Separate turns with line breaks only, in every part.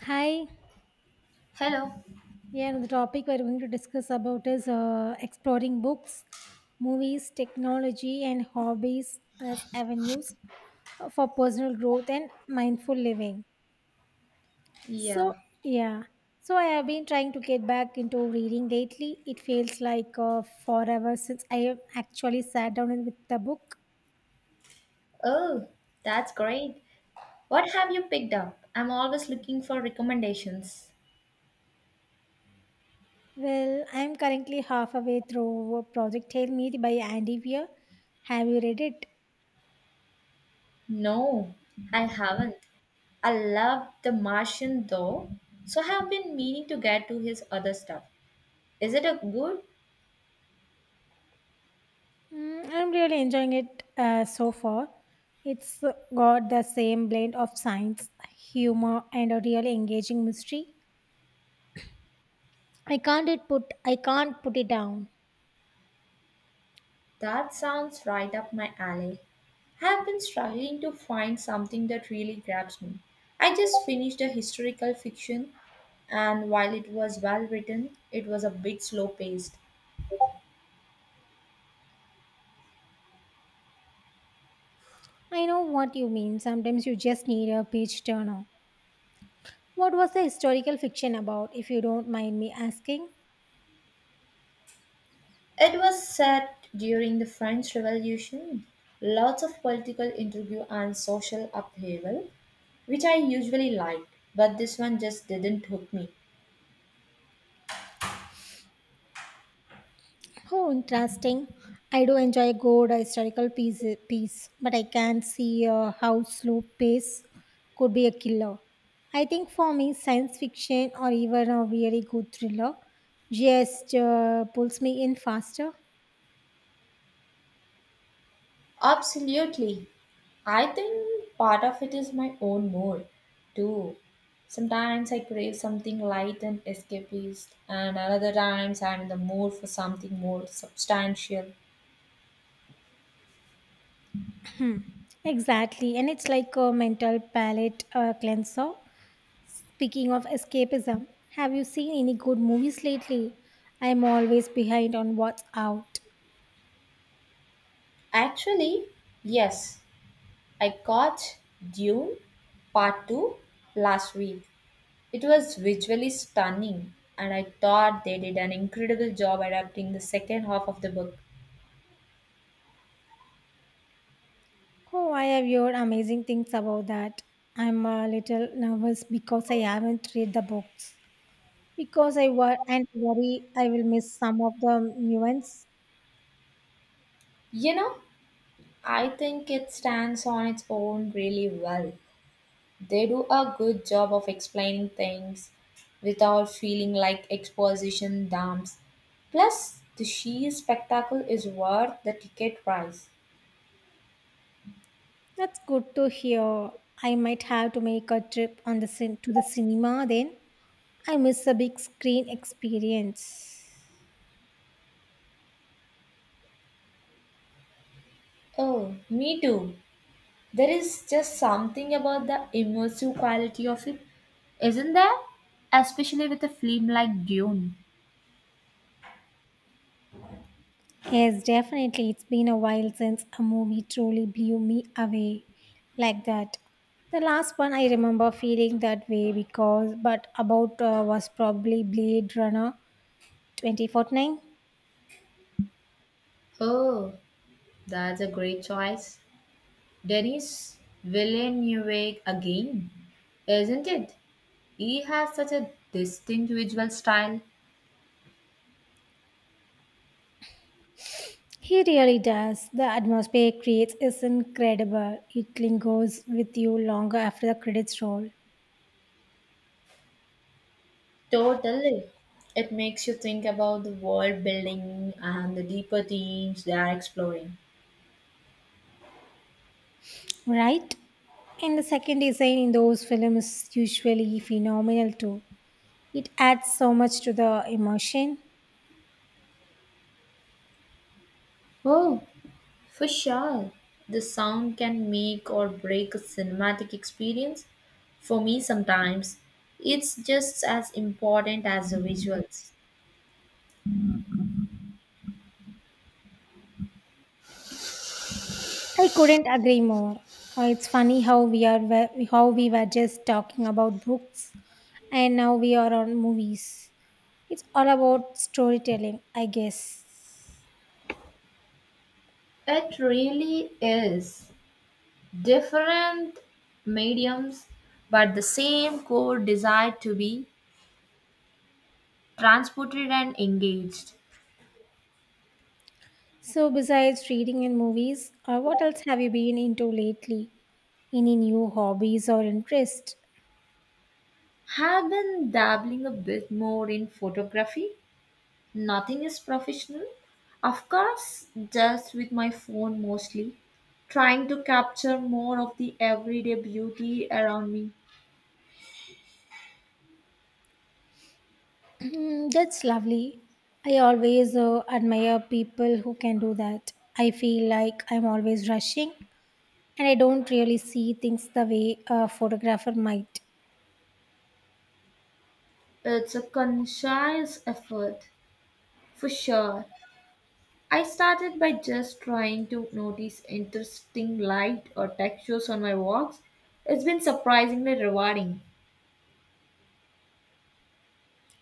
Hi.
Hello.
Yeah, the topic we're going to discuss about is exploring books, movies, technology, and hobbies as avenues for personal growth and mindful living.
Yeah.
So, yeah. So, I have been trying to get back into reading lately. It feels like forever since I have actually sat down and with the book.
Oh, that's great. What have you picked up? I'm always looking for recommendations.
Well, I'm currently halfway through Project Hail Mary by Andy Weir. Have you read it?
No, I haven't. I love The Martian though, so have been meaning to get to his other stuff. Is it a good?
Mm, I'm really enjoying it so far. It's got the same blend of science, humor, and a really engaging mystery. I can't put it down.
That sounds right up my alley. I've been struggling to find something that really grabs me. I just finished a historical fiction, and while it was well written, it was a bit slow paced.
I know what you mean. Sometimes you just need a page turner. What was the historical fiction about, if you don't mind me asking?
It was set during the French Revolution. Lots of political intrigue and social upheaval, which I usually like, but this one just didn't hook me.
Oh, interesting. I do enjoy a good historical piece, but I can not see how slow pace could be a killer. I think for me, science fiction or even a really good thriller just pulls me in faster.
Absolutely. I think part of it is my own mood, too. Sometimes I crave something light and escapist, and other times I'm in the mood for something more substantial.
Exactly, and it's like a mental palate cleanser. Speaking of escapism, have you seen any good movies lately? I'm always behind on what's out.
Actually, yes, I caught Dune Part 2 last week. It was visually stunning, and I thought they did an incredible job adapting the second half of the book.
Oh, I have heard amazing things about that. I'm a little nervous because I haven't read the books. Because I wor- and worry I will miss some of the nuance.
You know, I think it stands on its own really well. They do a good job of explaining things without feeling like exposition dumps. Plus, the sheer spectacle is worth the ticket price.
That's good to hear. I might have to make a trip to the cinema then. I miss the big screen experience.
Oh, me too. There is just something about the immersive quality of it, isn't there? Especially with a film like Dune.
Yes, definitely. It's been a while since a movie truly blew me away like that. The last one I remember feeling that way because, but about was probably Blade Runner 2049.
Oh, that's a great choice. Denis Villeneuve again, isn't it? He has such a distinct visual style.
He really does. The atmosphere it creates is incredible. It lingers with you longer after the credits roll,
Totally. It makes you think about the world building and the deeper themes they are exploring.
right? And the second design in those films is usually phenomenal too. It adds so much to the emotion.
Oh, for sure, the sound can make or break a cinematic experience. For me, sometimes it's just as important as the visuals.
I couldn't agree more. It's funny how how we were just talking about books and now we are on movies. It's all about storytelling, I guess.
It really is. Different mediums, but the same core desire to be transported and engaged.
So besides reading and movies, what else have you been into lately? Any new hobbies or interest?
Have been dabbling a bit more in photography. Nothing is professional. Of course, just with my phone mostly, trying to capture more of the everyday beauty around me.
That's lovely. I always admire people who can do that. I feel like I'm always rushing and I don't really see things the way a photographer might.
It's a conscious effort, for sure. I started by just trying to notice interesting light or textures on my walks. It's been surprisingly rewarding.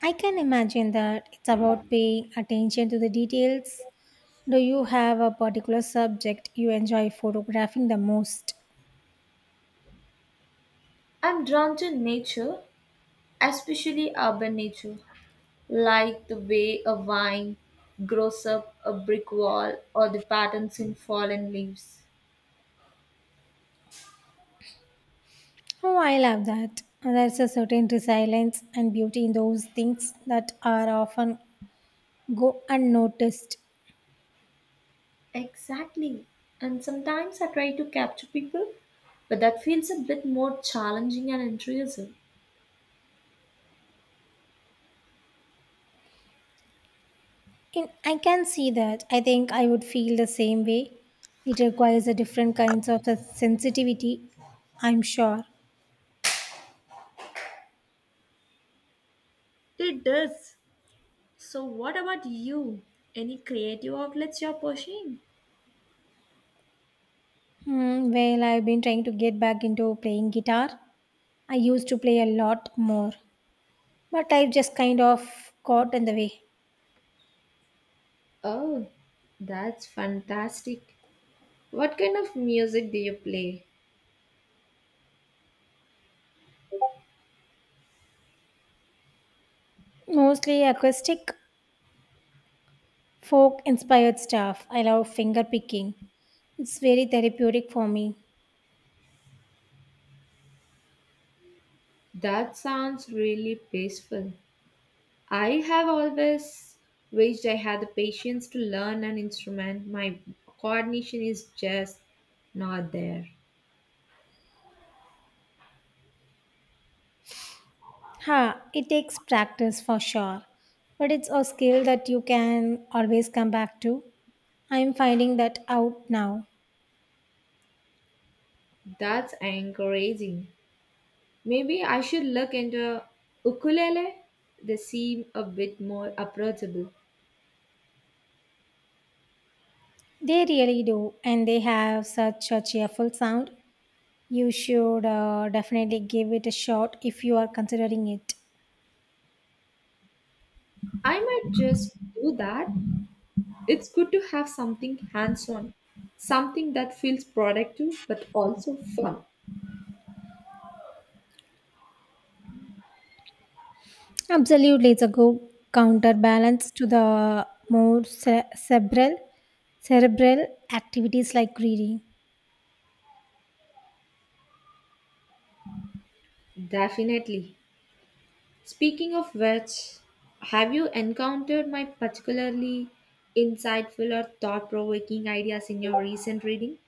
I can imagine that it's about paying attention to the details. Do you have a particular subject you enjoy photographing the most?
I'm drawn to nature, especially urban nature, like the way a vine grows up a brick wall or the patterns in fallen leaves.
Oh, I love that. There's a certain resilience and beauty in those things that are often go unnoticed.
Exactly. And sometimes I try to capture people, but that feels a bit more challenging and intrusive.
In, I can see that. I think I would feel the same way. It requires a different kinds of a sensitivity, I'm sure.
It does. So, what about you? Any creative outlets you're pursuing?
Hmm, well, I've been trying to get back into playing guitar. I used to play a lot more, but life just kind of got in the way.
Oh, that's fantastic. What kind of music do you play?
Mostly acoustic, folk inspired stuff. I love finger picking. It's very therapeutic for me.
That sounds really peaceful. I have always wished I had the patience to learn an instrument. My coordination is just not there.
Ha, it takes practice for sure, but it's a skill that you can always come back to. I'm finding that out now.
That's encouraging. Maybe I should look into ukulele. They seem a bit more approachable.
They really do, and they have such a cheerful sound. You should definitely give it a shot if you are considering it.
I might just do that. It's good to have something hands on, something that feels productive but also fun.
Absolutely, it's a good counterbalance to the more cerebral activities like reading.
Definitely. Speaking of which, have you encountered my particularly insightful or thought provoking ideas in your recent reading?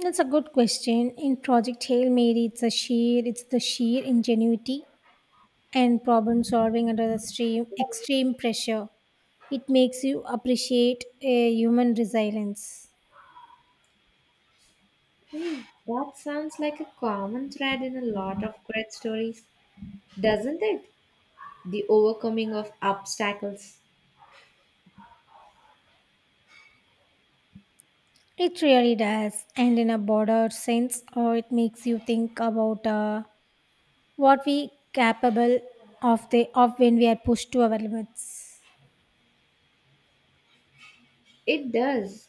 That's a good question. In Project Hail Mary, it's the sheer ingenuity and problem solving under the stream extreme pressure. It makes you appreciate a human resilience.
Hey, that sounds like a common thread in a lot of great stories, doesn't it? The overcoming of obstacles.
It really does, and in a broader sense, or it makes you think about. What we capable of the of When we are pushed to our limits.
It does.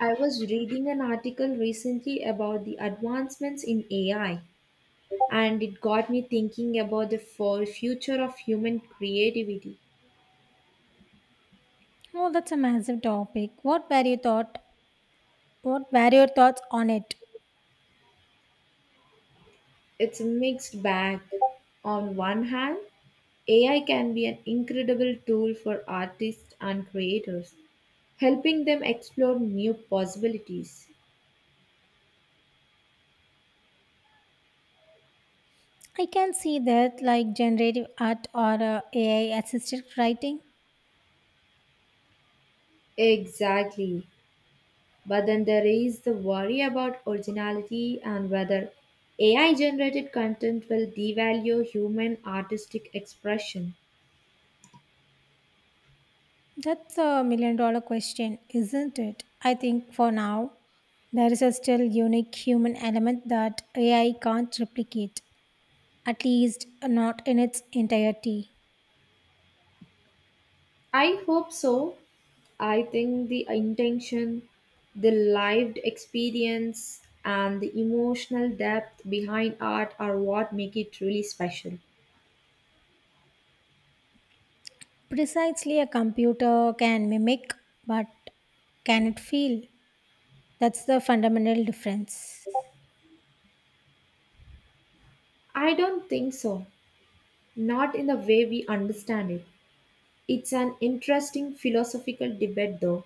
I was reading an article recently about the advancements in AI, and it got me thinking about the for future of human creativity.
Oh, that's a massive topic. What were your thoughts on it?
It's a mixed bag. On one hand, AI can be an incredible tool for artists and creators, helping them explore new possibilities.
I can see that like generative art or AI assisted writing.
Exactly. But then there is the worry about originality and whether AI generated content will devalue human artistic expression.
That's a million-dollar question, isn't it? I think for now there is a still unique human element that AI can't replicate, at least not in its entirety.
I hope so. I think the intention, the lived experience, and the emotional depth behind art are what make it truly special.
Precisely, a computer can mimic, but can it feel? That's the fundamental difference.
I don't think so. Not in the way we understand it. It's an interesting philosophical debate, though.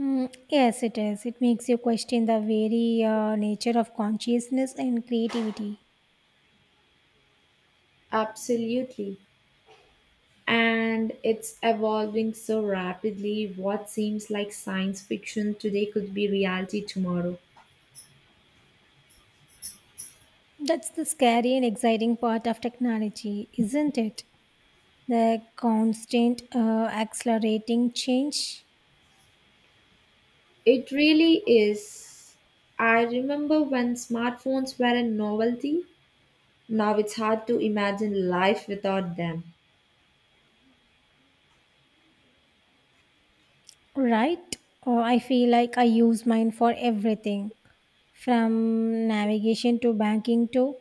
Mm, yes, it is. It makes you question the very nature of consciousness and creativity.
Absolutely. And it's evolving so rapidly, what seems like science fiction today could be reality tomorrow.
That's the scary and exciting part of technology, isn't it? The constant accelerating change,
It really is. I remember when smartphones were a novelty. Now it's hard to imagine life without them.
right? Or I feel like I use mine for everything from navigation to banking to,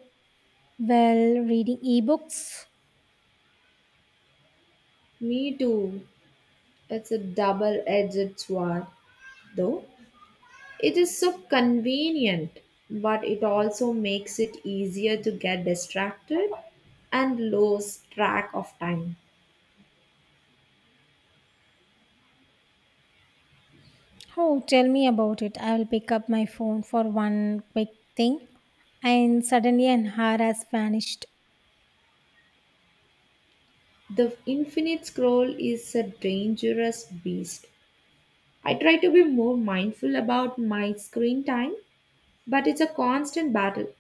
well, reading ebooks.
Me too. It's a double edged sword, though. It is so convenient, but it also makes it easier to get distracted and lose track of time.
Oh, tell me about it. I will pick up my phone for one quick thing, and suddenly an hour has vanished.
The infinite scroll is a dangerous beast. I try to be more mindful about my screen time, but it's a constant battle.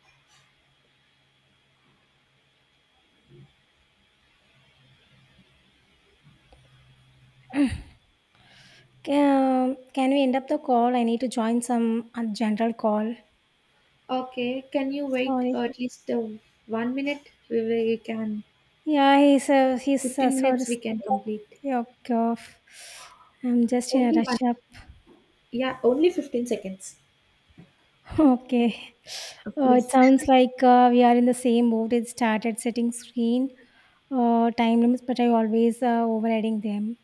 Can we end up the call? I need to join some general call.
Okay, can you wait
Sorry.
at least 1 minute? We can,
Yeah, he's
15
sorry.
minutes we can complete.
Yoke off. I'm just in a
Only one.
rush up.
Yeah, only 15 seconds.
Okay. It
Please.
sounds like we are in the same boat. It started setting screen time limits, but I always overriding them.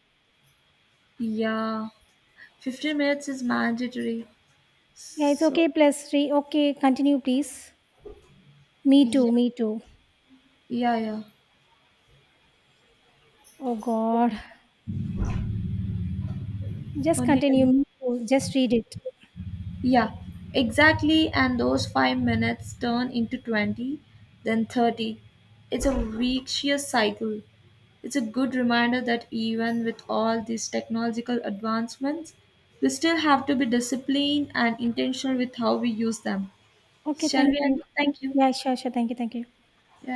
Yeah, 15 minutes is mandatory.
Yeah, it's
So,
okay plus 3. Okay, continue please. Me too,
yeah,
me too.
yeah, yeah.
Oh god. Just
Only
continue.
10.
Me too. Just read it.
Yeah, exactly. And those 5 minutes turn into 20, then 30. It's a vicious cycle. It's a good reminder that even with all these technological advancements, we still have to be disciplined and intentional with how we use them.
Okay,
Shall
thank
we
you.
end? Thank you.
Yeah, sure, sure. Thank you, thank you.
Yeah.